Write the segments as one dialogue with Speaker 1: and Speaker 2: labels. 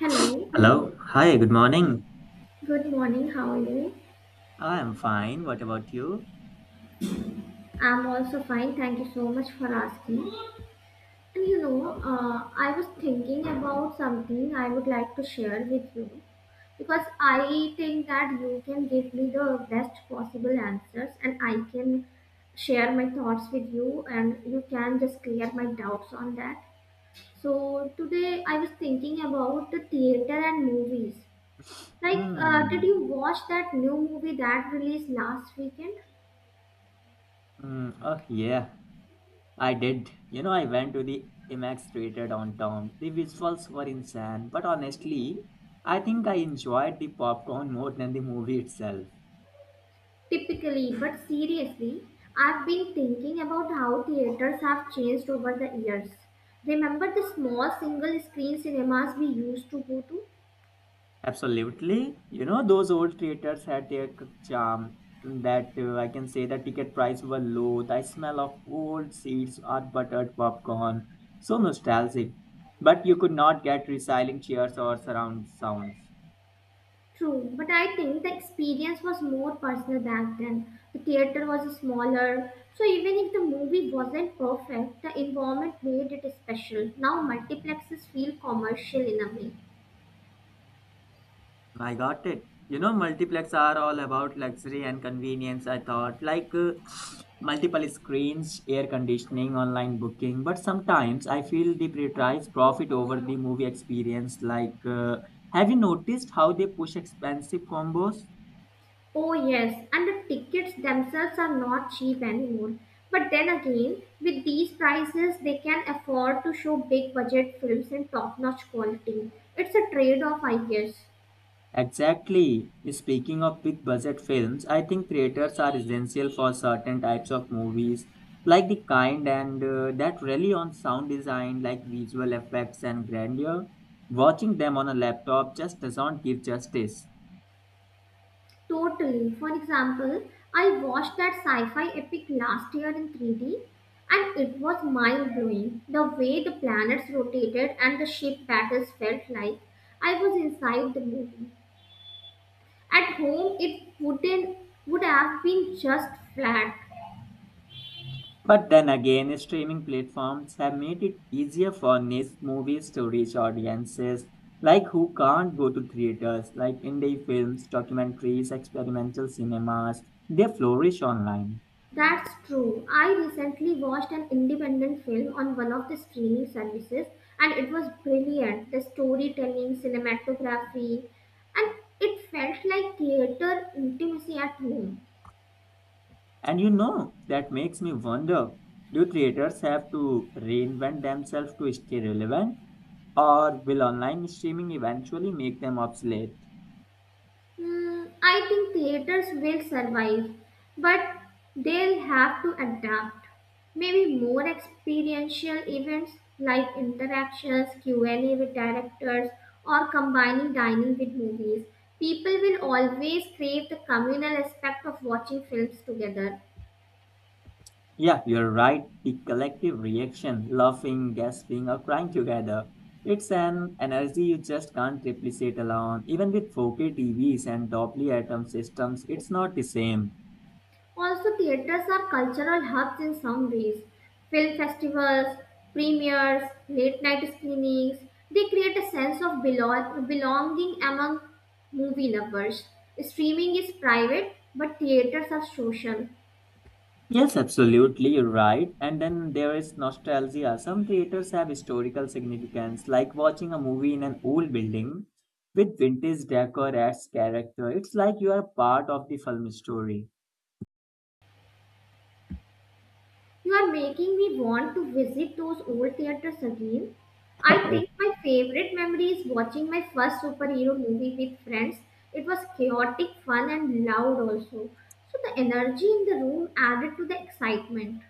Speaker 1: Hello,
Speaker 2: Hello. Hi, good morning.
Speaker 1: good morning. How are you?
Speaker 2: I am fine. What about you?
Speaker 1: I'm also fine. Thank you so much for asking. And you know,
Speaker 2: Oh.
Speaker 1: I was thinking about something I would like to share with you because I think that you can give me the best possible answers and I can share my thoughts with you and you can just clear my doubts on that. So, today I was thinking about the theater and movies. Like, did
Speaker 2: Mm.
Speaker 1: you watch that new movie that released last weekend?
Speaker 2: Mm. Oh, yeah. I did. I went to the IMAX theater downtown. The visuals were insane, but honestly, I think I enjoyed the popcorn more than the movie itself.
Speaker 1: Typically, but seriously, I've been thinking about how theaters have changed over the years. Remember the small single screen cinemas we used to go to?
Speaker 2: Absolutely. Those old theaters had their charm that I can say the ticket price were low, the smell of old seats, hot buttered popcorn, so nostalgic. But you could not get recycling chairs or surround sounds.
Speaker 1: True, but I think the experience was more personal back then. The theater was smaller, so even if the movie wasn't perfect, the environment made it special. Now multiplexes feel commercial in a way.
Speaker 2: I got it. Multiplex are all about luxury and convenience, I thought. Like multiple screens, air conditioning, online booking. But sometimes I feel they prioritize profit over the movie experience. Like, have you noticed how they push expensive combos?
Speaker 1: Oh, yes, and the tickets themselves are not cheap anymore. But then again, with these prices, they can afford to show big budget films in top notch quality. It's a trade off, I guess.
Speaker 2: Exactly. Speaking of big budget films, I think creators are essential for certain types of movies, like the kind and that rely on sound design, like visual effects and grandeur. Watching them on a laptop just doesn't give justice.
Speaker 1: Totally. For example, I watched that sci fi epic last year in 3D, and it was mind blowing. The way the planets rotated and the ship battles felt like I was inside the movie. At home, it wouldn't would have been just flat.
Speaker 2: But then again, streaming platforms have made it easier for niche movies to reach audiences like who can't go to theaters, like indie films, documentaries, experimental cinemas. They flourish online.
Speaker 1: That's true. I recently watched an independent film on one of the streaming services and it was brilliant. The storytelling, cinematography, and it felt like theater intimacy at home.
Speaker 2: And that makes me wonder, do creators have to reinvent themselves to stay relevant? Or will online streaming eventually make them obsolete?
Speaker 1: Hmm, I think theaters will survive, but they'll have to adapt. Maybe more experiential events like interactions, Q&A with directors, or combining dining with movies. People will always crave the communal aspect of watching films together.
Speaker 2: Yeah, you're right. The collective reaction, laughing, gasping, or crying together. It's an energy you just can't replicate alone. Even with 4K TVs and Doppler atom systems, it's not the same.
Speaker 1: Also, theaters are cultural hubs in some ways. Film festivals, premieres, late night screenings, they create a sense of belonging among movie lovers. Streaming is private, but theaters are social.
Speaker 2: Yes, absolutely, right. And then there is nostalgia. Some theaters have historical significance, like watching a movie in an old building with vintage decor as character. It's like you are part of the film story.
Speaker 1: You are making me want to visit those old theaters again. I think my favorite memory is watching my first superhero movie with friends. It was chaotic, fun, and loud also. So the energy in the room added to the excitement.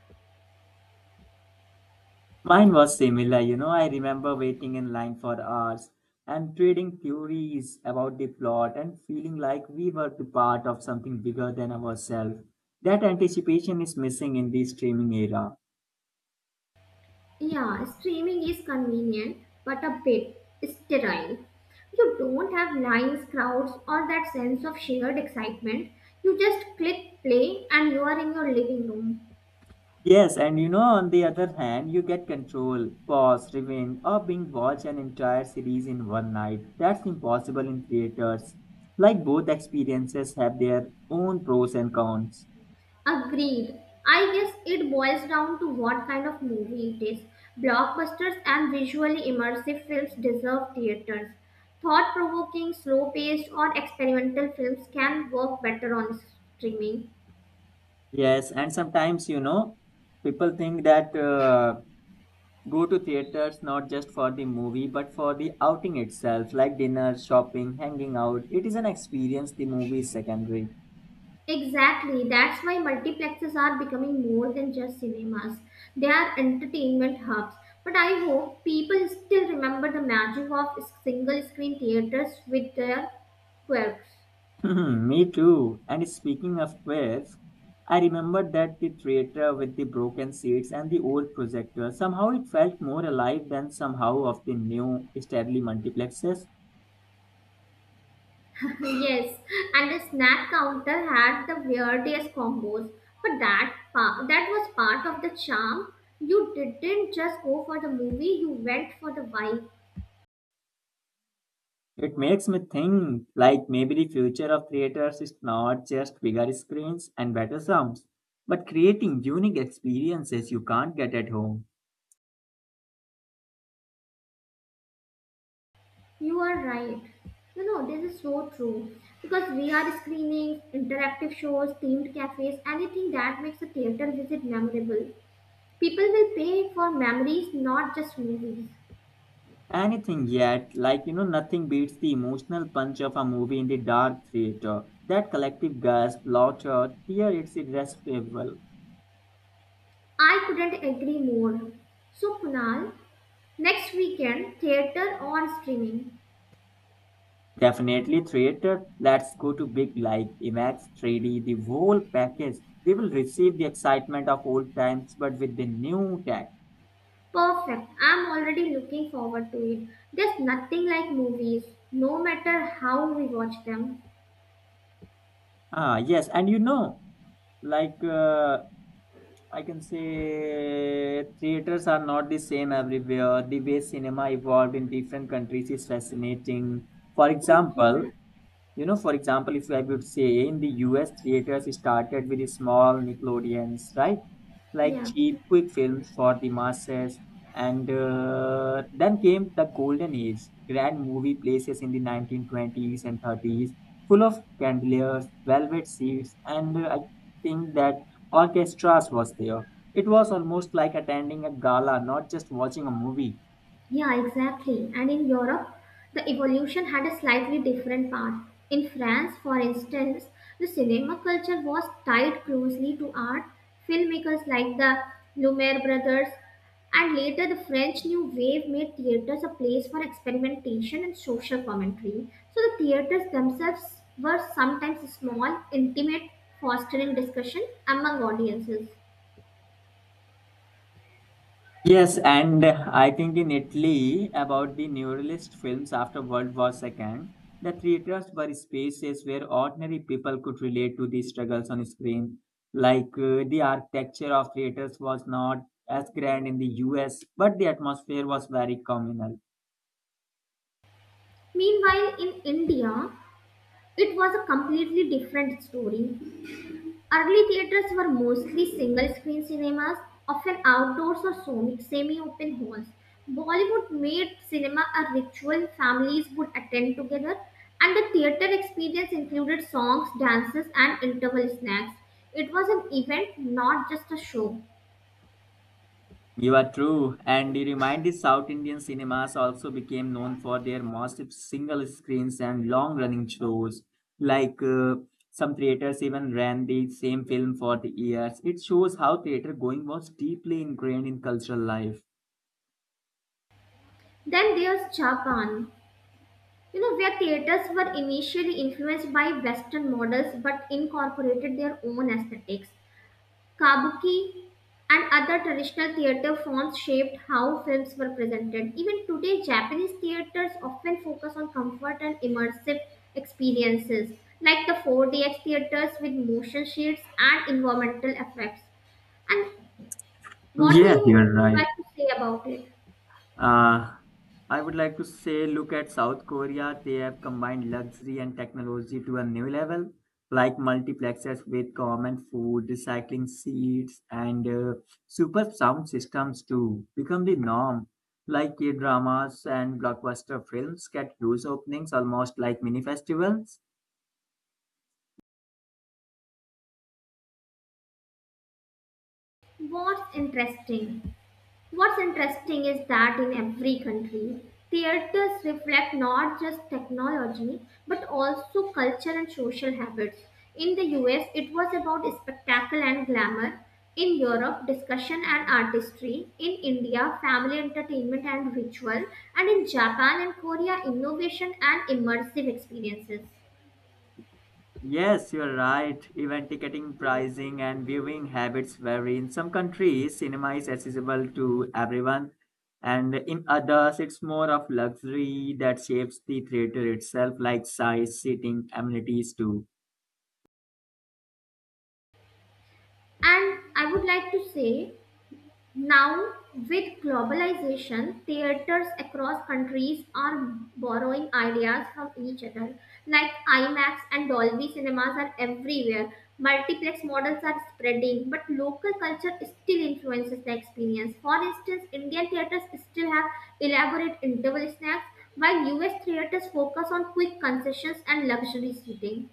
Speaker 2: Mine was similar. I remember waiting in line for hours and trading theories about the plot and feeling like we were the part of something bigger than ourselves. That anticipation is missing in the streaming era.
Speaker 1: Yeah, streaming is convenient, but a bit sterile. You don't have lines, crowds, or that sense of shared excitement. You just click play and you are in your living room.
Speaker 2: Yes, and on the other hand, you get control, pause, rewind, or being watch an entire series in one night. That's impossible in theaters. Like both experiences have their own pros and cons.
Speaker 1: Agreed. I guess it boils down to what kind of movie it is. Blockbusters and visually immersive films deserve theaters. Thought provoking, slow paced, or experimental films can work better on streaming.
Speaker 2: Yes, and sometimes, people think that go to theaters not just for the movie, but for the outing itself, like dinner, shopping, hanging out. It is an experience, the movie is secondary.
Speaker 1: Exactly, that's why multiplexes are becoming more than just cinemas. They are entertainment hubs. But I hope people still remember the magic of single screen theaters with their quirks.
Speaker 2: Hmm, me too. And speaking of waves, I remember that the theater with the broken seats and the old projector. Somehow it felt more alive than somehow of the new established multiplexes.
Speaker 1: Yes, and the snack counter had the weirdest combos, but that was part of the charm. You didn't just go for the movie; you went for the vibe.
Speaker 2: It makes me think like maybe the future of theaters is not just bigger screens and better sounds, but creating unique experiences you can't get at home.
Speaker 1: You are right. You know this is so true because we are screenings, interactive shows, themed cafes, anything that makes a theater visit memorable. People will pay for memories, not just movies.
Speaker 2: Anything yet, like nothing beats the emotional punch of a movie in the dark theater. That collective gasp, laughter, tear, it's irresistible.
Speaker 1: I couldn't agree more. So Kunal, next weekend, theater on streaming.
Speaker 2: Definitely theater. Let's go to big live, IMAX 3D, the whole package. We will receive the excitement of old times, but with the new tech.
Speaker 1: Perfect. I'm already looking forward to it. There's nothing like movies, no matter how we watch them.
Speaker 2: Ah, yes, and like uh, I can say, theaters are not the same everywhere. The way cinema evolved in different countries is fascinating. For example,
Speaker 1: Yeah.
Speaker 2: for example, if I would say in the US, theaters started with small Nickelodeons, right? Like
Speaker 1: Yeah.
Speaker 2: cheap, quick films for the masses. And then came the golden age, grand movie places in the 1920s and 30s, full of chandeliers, velvet seats, and I think that orchestras was there. It was almost like attending a gala, not just watching a movie.
Speaker 1: Yeah, exactly. And in Europe, the evolution had a slightly different path. In France, for instance, the cinema culture was tied closely to art. Filmmakers like the Lumiere brothers and later the French New Wave made theaters a place for experimentation and social commentary. So the theaters themselves were sometimes small, intimate, fostering discussion among audiences.
Speaker 2: Yes, and I think in Italy, about the neuralist films after World War II, the theaters were spaces where ordinary people could relate to the struggles on screen. Like the architecture of theaters was not as grand in the US, but the atmosphere was very communal.
Speaker 1: Meanwhile, in India, it was a completely different story. Early theatres were mostly single-screen cinemas, often outdoors or semi-open halls. Bollywood made cinema a ritual families would attend together, and the theatre experience included songs, dances, and interval snacks. It was an event, not just a show.
Speaker 2: You are true, and the reminded South Indian cinemas also became known for their massive single screens and long running shows. Like some theaters even ran the same film for the years. It shows how theater going was deeply ingrained in cultural life.
Speaker 1: Then there's Japan, you know, where theaters were initially influenced by Western models but incorporated their own aesthetics. Kabuki and other traditional theater forms shaped how films were presented. Even today, Japanese theaters often focus on comfort and immersive experiences, like the 4DX theaters with motion shades and environmental effects. And what do
Speaker 2: Yeah,
Speaker 1: you
Speaker 2: you're
Speaker 1: like
Speaker 2: right.
Speaker 1: to say about it?
Speaker 2: Uh, I would like to say, look at South Korea. They have combined luxury and technology to a new level, like multiplexes with common food, recycling seats, and super sound systems to become the norm. Like K dramas and blockbuster films get huge openings, almost like mini festivals.
Speaker 1: What's interesting? What's interesting is that in every country, theaters reflect not just technology but also culture and social habits. In the US, it was about spectacle and glamour. In Europe, discussion and artistry. In India, family entertainment and ritual. And in Japan and Korea, innovation and immersive experiences.
Speaker 2: Yes, you're right. Event ticketing, pricing, and viewing habits vary. In some countries, cinema is accessible to everyone, and in others, it's more of luxury that shapes the theater itself, like size, seating, amenities, too.
Speaker 1: And I would like to say, now, with globalization, theaters across countries are borrowing ideas from each other. Like IMAX and Dolby cinemas are everywhere. Multiplex models are spreading, but local culture still influences the experience. For instance, Indian theaters still have elaborate interval snacks, while US theaters focus on quick concessions and luxury seating.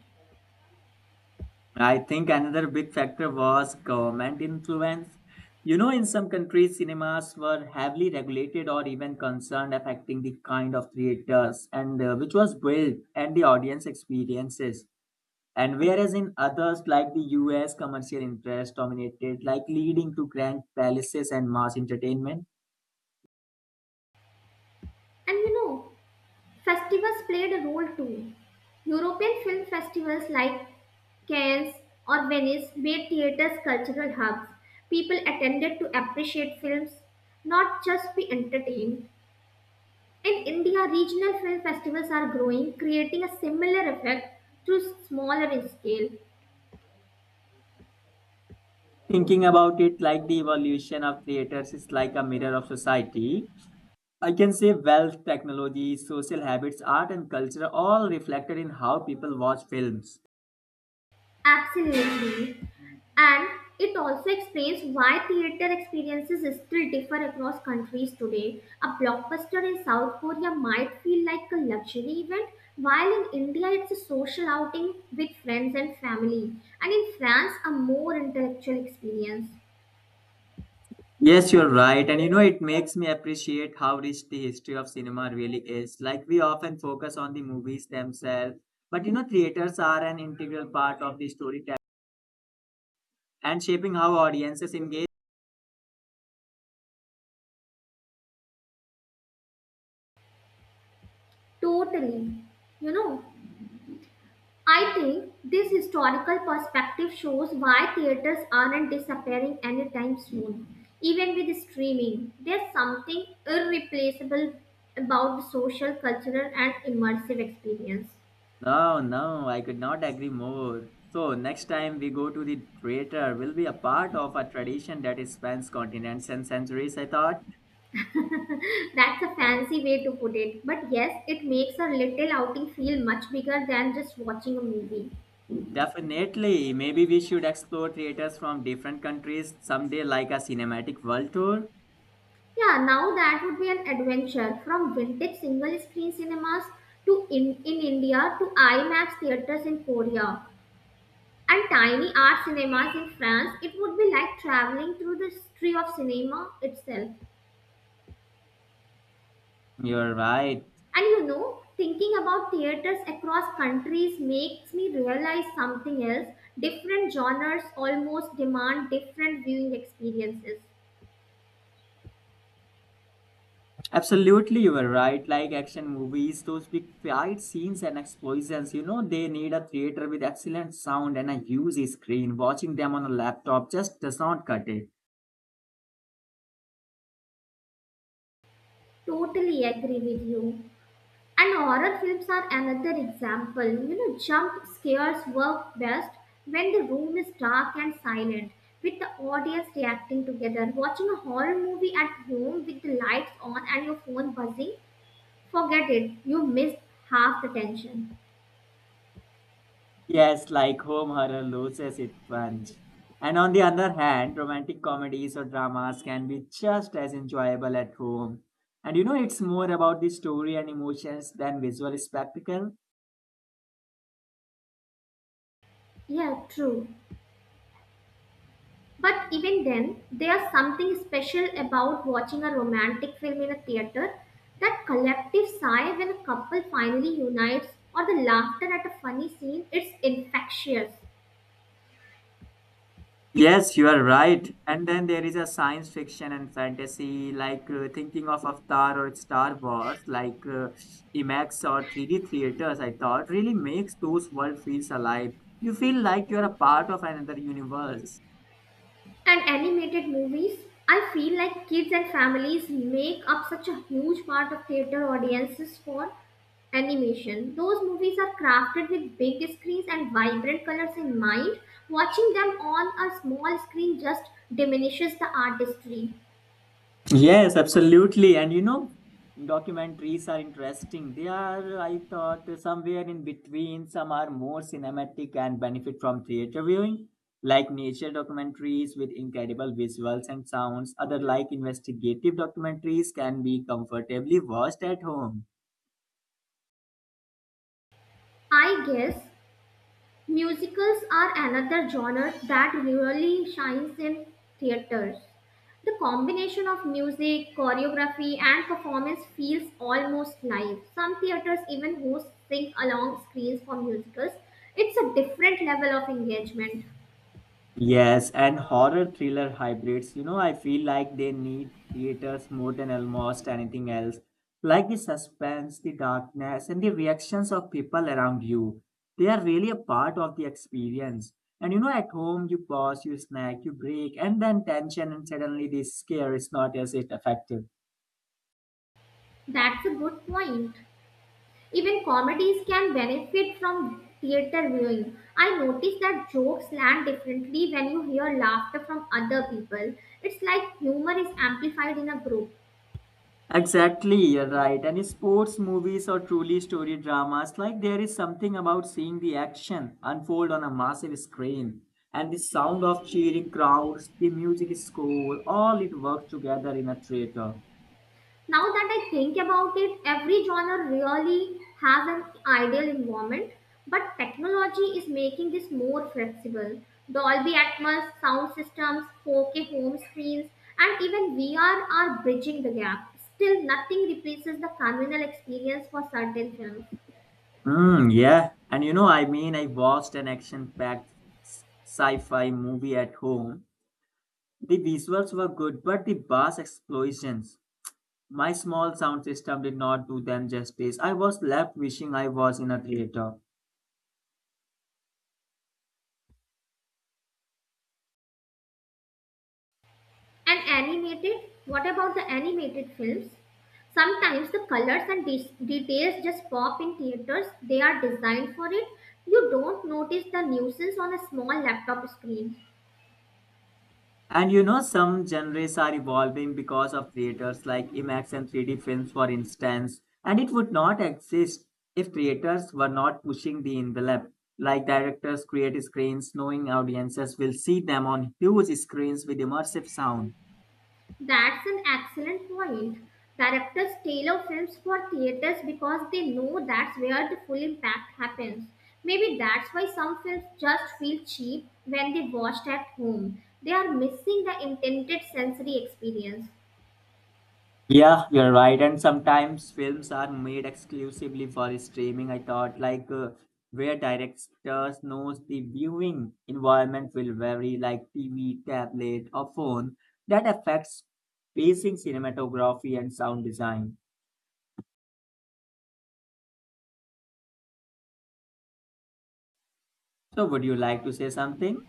Speaker 2: I think another big factor was government influence. In some countries, cinemas were heavily regulated or even concerned affecting the kind of theaters and which was built and the audience experiences. And whereas in others, like the US, commercial interests dominated, like leading to grand palaces and mass entertainment.
Speaker 1: And you know, festivals played a role too. European film festivals like Cannes or Venice made theaters cultural hubs. People attended to appreciate films, not just be entertained. In India, regional film festivals are growing, creating a similar effect through smaller in scale.
Speaker 2: Thinking about it, like the evolution of theaters is like a mirror of society. I can say wealth, technology, social habits, art, and culture are all reflected in how people watch films.
Speaker 1: Absolutely. And it also explains why theater experiences still differ across countries today. A blockbuster in South Korea might feel like a luxury event, while in India it's a social outing with friends and family, and in France, a more intellectual experience.
Speaker 2: Yes, you're right. And it makes me appreciate how rich the history of cinema really is. Like, we often focus on the movies themselves, but theaters are an integral part of the storytelling and shaping how audiences engage.
Speaker 1: Totally. You know, I think this historical perspective shows why theaters aren't disappearing anytime soon. Even with streaming, there's something irreplaceable about the social, cultural, and immersive experience.
Speaker 2: No, no, I could not agree more. So, next time we go to the theater, will be a part of a tradition that spans continents and centuries, I thought.
Speaker 1: That's a fancy way to put it, but yes, it makes a little outing feel much bigger than just watching a movie.
Speaker 2: Definitely, maybe we should explore theaters from different countries someday, like a cinematic world tour.
Speaker 1: Yeah, now that would be an adventure from vintage single screen cinemas to in India to IMAX theaters in Korea. And tiny art cinemas in France, it would be like traveling through the history of cinema itself.
Speaker 2: You're right.
Speaker 1: And you know, thinking about theaters across countries makes me realize something else. Different genres almost demand different viewing experiences.
Speaker 2: Absolutely, you were right. Like action movies, those big fight scenes and explosions, you know, they need a theater with excellent sound and a huge screen. Watching them on a laptop just does not cut it.
Speaker 1: Totally agree with you. And horror films are another example. You know, jump scares work best when the room is dark and silent, with the audience reacting together. Watching a horror movie at home with the lights on and your phone buzzing, forget it, you missed half the tension.
Speaker 2: Yes, like home horror loses its punch. And on the other hand, romantic comedies or dramas can be just as enjoyable at home. And it's more about the story and emotions than visual spectacle.
Speaker 1: Yeah, true. But even then, there's something special about watching a romantic film in a theater. That collective sigh when a couple finally unites or the laughter at a funny scene, it's infectious.
Speaker 2: Yes, you are right. And then there is a science fiction and fantasy, like thinking of Avatar or Star Wars, like IMAX or 3D theaters, I thought, really makes those world feels alive. You feel like you're a part of another universe.
Speaker 1: And animated movies, I feel like kids and families make up such a huge part of theater audiences for animation. Those movies are crafted with big screens and vibrant colors in mind. Watching them on a small screen just diminishes the artistry.
Speaker 2: Yes, absolutely. And documentaries are interesting. They are, I thought, somewhere in between. Some are more cinematic and benefit from theater viewing, like nature documentaries with incredible visuals and sounds. Other, like investigative documentaries, can be comfortably watched at home.
Speaker 1: I guess musicals are another genre that really shines in theaters. The combination of music, choreography, and performance feels almost live. Some theaters even host sing along screens for musicals. It's a different level of engagement.
Speaker 2: Yes, and horror thriller hybrids, I feel like they need theaters more than almost anything else. Like the suspense, the darkness, and the reactions of people around you. They are really a part of the experience. And at home, you pause, you snack, you break, and then tension, and suddenly the scare is not as it effective.
Speaker 1: That's a good point. Even comedies can benefit from theater viewing. I notice that jokes land differently when you hear laughter from other people. It's like humor is amplified in a group.
Speaker 2: Exactly, you're right. And sports movies or truly story dramas, like there is something about seeing the action unfold on a massive screen and the sound of cheering crowds, the music score, all it works together in a theater.
Speaker 1: Now that I think about it, every genre really has an ideal environment, but technology is making this more flexible. Dolby Atmos, sound systems, 4K home screens, and even VR are bridging the gap. Still, nothing replaces the communal experience for certain films.
Speaker 2: Mm, yeah. And I mean, I watched an action packed sci fi movie at home. The visuals were good, but the bass explosions, my small sound system did not do them justice. I was left wishing I was in a theater.
Speaker 1: And animated? What about the animated films? Sometimes the colors and details just pop in theaters. They are designed for it. You don't notice the nuisance on a small laptop screen.
Speaker 2: And some genres are evolving because of creators like IMAX and 3D films, for instance, and it would not exist if creators were not pushing the envelope. Like directors create screens knowing audiences will see them on huge screens with immersive sound.
Speaker 1: That's an excellent point. Directors tailor films for theaters because they know that's where the full impact happens. Maybe that's why some films just feel cheap when they watched at home. They are missing the intended sensory experience.
Speaker 2: Yeah, you're right. And sometimes films are made exclusively for streaming. I thought like where directors knows the viewing environment will vary, like TV, tablet, or phone. That affects pacing, cinematography, and sound design. So, would you like to say something?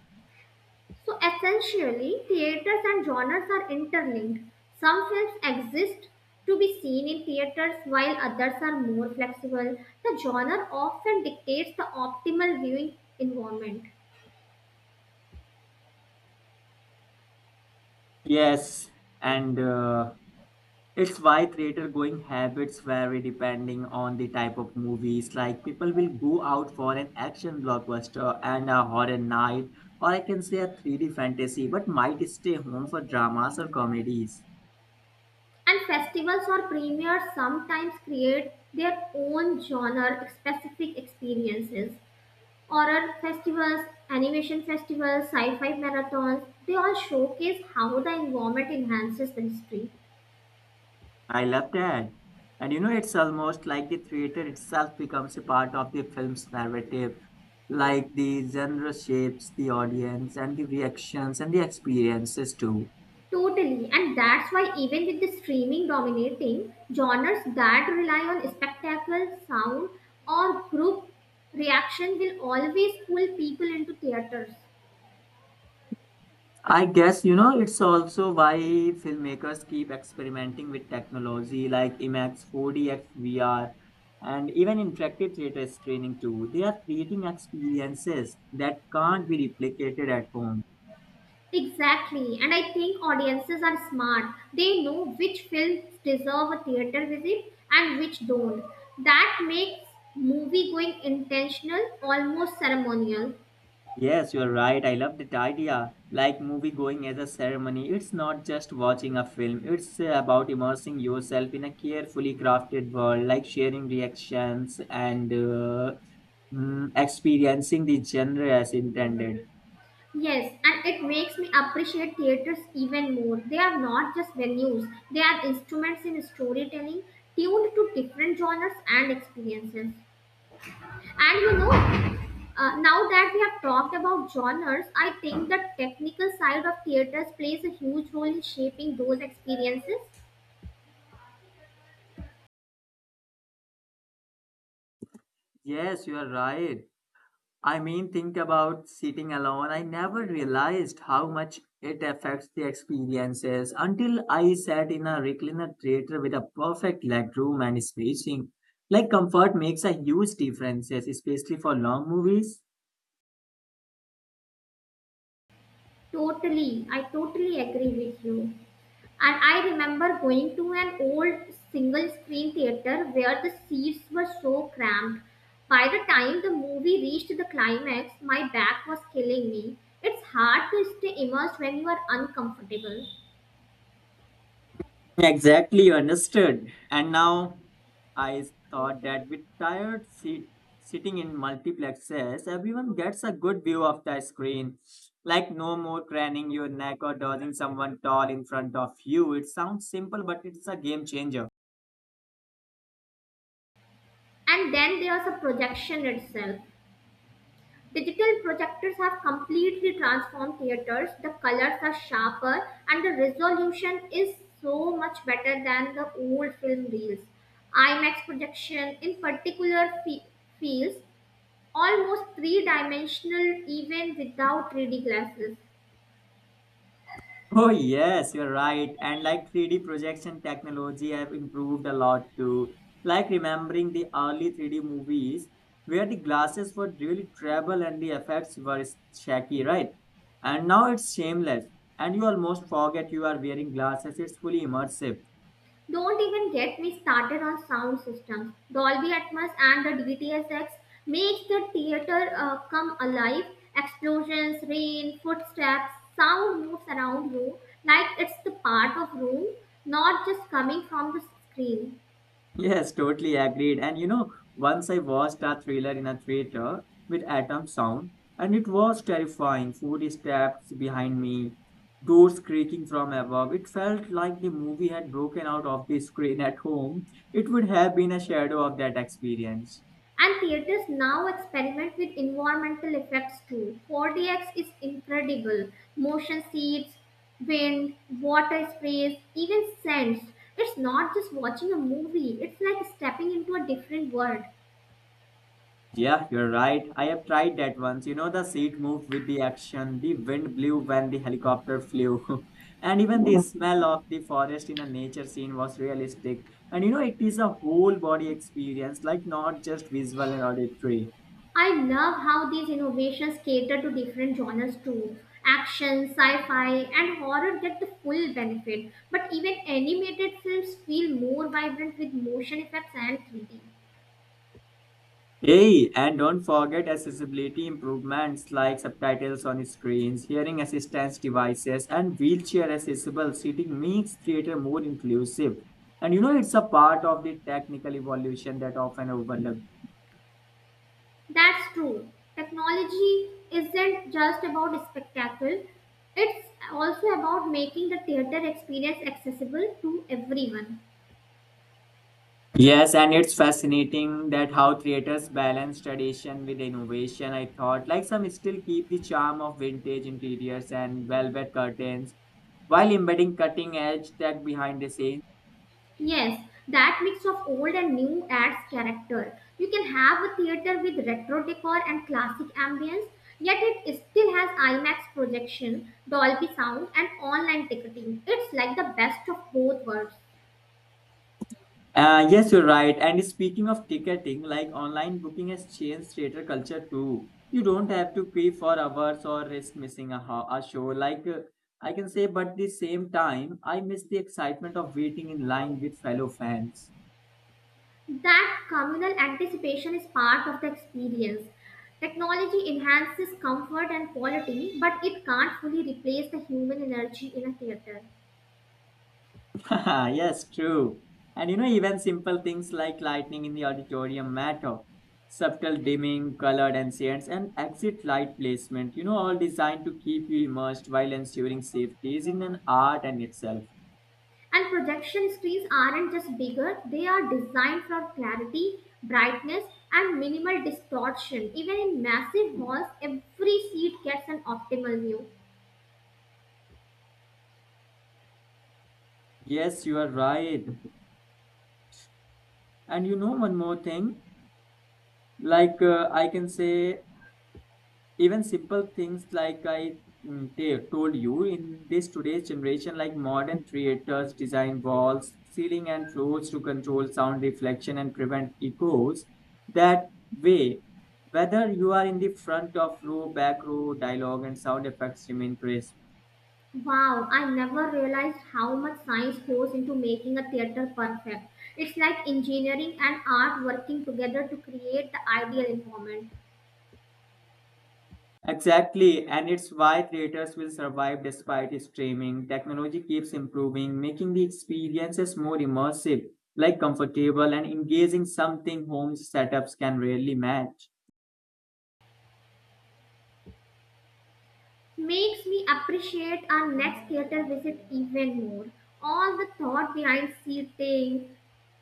Speaker 1: So essentially, theaters and genres are interlinked. Some films exist to be seen in theaters while others are more flexible. The genre often dictates the optimal viewing environment.
Speaker 2: Yes, and it's why theater going habits vary depending on the type of movies. Like people will go out for an action blockbuster and a horror night, or I can say a 3D fantasy, but might stay home for dramas or comedies.
Speaker 1: And festivals or premieres sometimes create their own genre specific experiences. Horror festivals, animation festivals, sci fi marathons, they all showcase how the environment enhances the history.
Speaker 2: I love that. And it's almost like the theater itself becomes a part of the film's narrative. Like the genre shapes the audience and the reactions and the experiences too.
Speaker 1: Totally, and that's why even with the streaming dominating, genres that rely on spectacle, sound, or group reaction will always pull people into theaters.
Speaker 2: I guess, it's also why filmmakers keep experimenting with technology like IMAX, 4DX, VR, and even interactive theater screening too. They are creating experiences that can't be replicated at home.
Speaker 1: Exactly, and I think audiences are smart. They know which films deserve a theater visit and which don't. That makes movie going intentional, almost ceremonial.
Speaker 2: Yes, you're right. I love that idea. Like movie going as a ceremony. It's not just watching a film, it's about immersing yourself in a carefully crafted world, like sharing reactions and experiencing the genre as intended.
Speaker 1: Yes, and it makes me appreciate theaters even more. They are not just venues, they are instruments in storytelling tuned to different genres and experiences. And you know, now that we have talked about genres, I think the technical side of theaters plays a huge role in shaping those experiences.
Speaker 2: Yes, you are right. I mean, think about sitting alone. I never realized how much it affects the experiences until I sat in a recliner theater with a perfect legroom and spacing. Like comfort makes a huge difference, especially for long movies.
Speaker 1: Totally, I totally agree with you. And I remember going to an old single screen theater where the seats were so cramped. By the time the movie reached the climax, my back was killing me. It's hard to stay immersed when you are uncomfortable.
Speaker 2: Exactly, you understood. And now I thought that with tired seat, sitting in multiplexes, everyone gets a good view of the screen. Like no more craning your neck or dodging someone tall in front of you. It sounds simple, but it's a game changer.
Speaker 1: And then there's a projection itself. Digital projectors have completely transformed theaters. The colors are sharper and the resolution is so much better than the old film reels. IMAX projection in particular feels almost three dimensional even without 3D glasses.
Speaker 2: Oh yes, you're right. And like 3D projection technology have improved a lot too. Like remembering the early 3D movies where the glasses were really travel and the effects were shaky, right? And now it's shameless and you almost forget you are wearing glasses. It's fully immersive.
Speaker 1: Don't even get me started on sound systems. Dolby Atmos and the DTSX makes the theater come alive. Explosions, rain, footsteps, sound moves around you like it's the part of room, not just coming from the screen.
Speaker 2: Yes, totally agreed. And you know, once I watched a thriller in a theater with atom sound, and it was terrifying. Footsteps behind me, doors creaking from above. It felt like the movie had broken out of the screen at home. It would have been a shadow of that experience.
Speaker 1: And theaters now experiment with environmental effects too. 4DX is incredible. Motion seats, wind, water sprays, even scents. It's not just watching a movie, it's like stepping into a different world.
Speaker 2: Yeah, you're right. I have tried that once. You know, the seat moved with the action, the wind blew when the helicopter flew, and even the smell of the forest in a nature scene was realistic. And you know, it is a whole body experience, like not just visual and auditory.
Speaker 1: I love how these innovations cater to different genres too. Action, sci fi, and horror get the full benefit, but even animated films feel more vibrant with motion effects and 3D.
Speaker 2: Hey, and don't forget accessibility improvements like subtitles on screens, hearing assistance devices, and wheelchair accessible seating makes theater more inclusive. And you know, it's a part of the technical evolution that often overlooked.
Speaker 1: That's true. Technology isn't just about spectacle, it's also about making the theater experience accessible to everyone.
Speaker 2: Yes, and it's fascinating that how creators balance tradition with innovation. I thought, like some still keep the charm of vintage interiors and velvet curtains while embedding cutting edge tech behind the scenes.
Speaker 1: Yes, that mix of old and new adds character. You can have a theater with retro decor and classic ambience, yet it still has IMAX projection, Dolby sound, and online ticketing. It's like the best of both worlds.
Speaker 2: Yes, you're right. And speaking of ticketing, like online booking has changed theater culture too. You don't have to queue for hours or risk missing a, a show. Like I can say, but the same time, I miss the excitement of waiting in line with fellow fans.
Speaker 1: That communal anticipation is part of the experience. Technology enhances comfort and quality, but it can't fully replace the human energy in a theater.
Speaker 2: Yes, true. And you know, even simple things like lighting in the auditorium matter. Subtle dimming, colored ancients, and exit light placement, you know, all designed to keep you immersed while ensuring safety is in an art in itself.
Speaker 1: And projection screens aren't just bigger, they are designed for clarity, brightness, and minimal distortion. Even in massive halls, every seat gets an optimal view.
Speaker 2: Yes, you are right. And you know, one more thing, like I can say even simple things like told you in this today's generation, like modern theaters design walls, ceiling, and floors to control sound reflection and prevent echoes. That way, whether you are in the front of row, back row, dialogue and sound effects remain crisp.
Speaker 1: Wow, I never realized how much science goes into making a theater perfect. It's like engineering and art working together to create the ideal environment.
Speaker 2: Exactly, and it's why creators will survive despite streaming. Technology keeps improving, making the experiences more immersive, like comfortable and engaging something home setups can rarely match.
Speaker 1: Makes me appreciate our next theater visit even more. All the thought behind seating,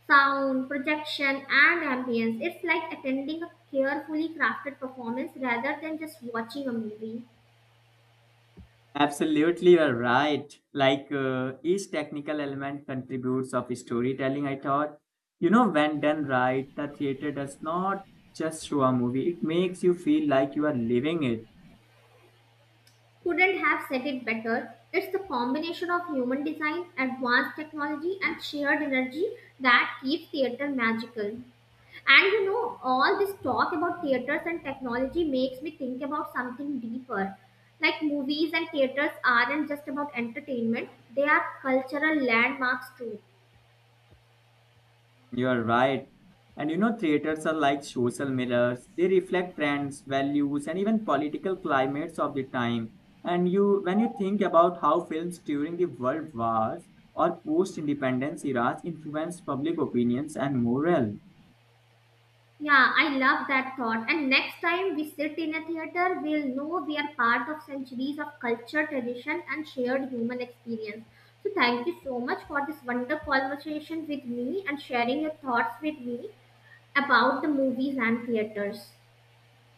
Speaker 1: sound, projection, and ambience. It's like attending a carefully crafted performance rather than just watching a movie.
Speaker 2: Absolutely, you're right. Like each technical element contributes of storytelling, I thought. You know, when done right, the theater does not just show a movie, it makes you feel like you are living it.
Speaker 1: Couldn't have said it better. It's the combination of human design, advanced technology, and shared energy that keeps theatre magical. And you know, all this talk about theatres and technology makes me think about something deeper. Like movies and theatres aren't just about entertainment, they are cultural landmarks too.
Speaker 2: You are right. And you know, theaters are like social mirrors. They reflect trends, values, and even political climates of the time. And you, when you think about how films during the world wars or post-independence eras influenced public opinions and morale,
Speaker 1: Yeah, I love that thought. And next time we sit in a theater, we'll know we are part of centuries of culture, tradition, and shared human experience. So, thank you so much for this wonderful conversation with me and sharing your thoughts with me about the movies and theaters.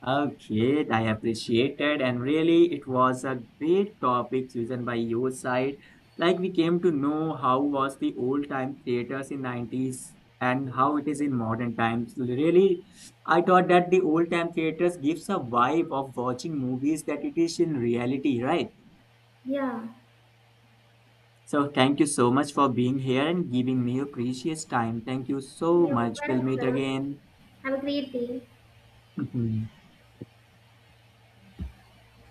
Speaker 2: okay, I appreciated, and really, it was a great topic chosen by your side. Like we came to know how was the old time theaters in 90s and how it is in modern times. Really, I thought that the old time theaters gives a vibe of watching movies that it is in reality, right?
Speaker 1: Yeah,
Speaker 2: So thank you so much for being here and giving me your precious time. Thank you so
Speaker 1: you're
Speaker 2: much. We'll meet
Speaker 1: welcome.
Speaker 2: again.
Speaker 1: Have a great day.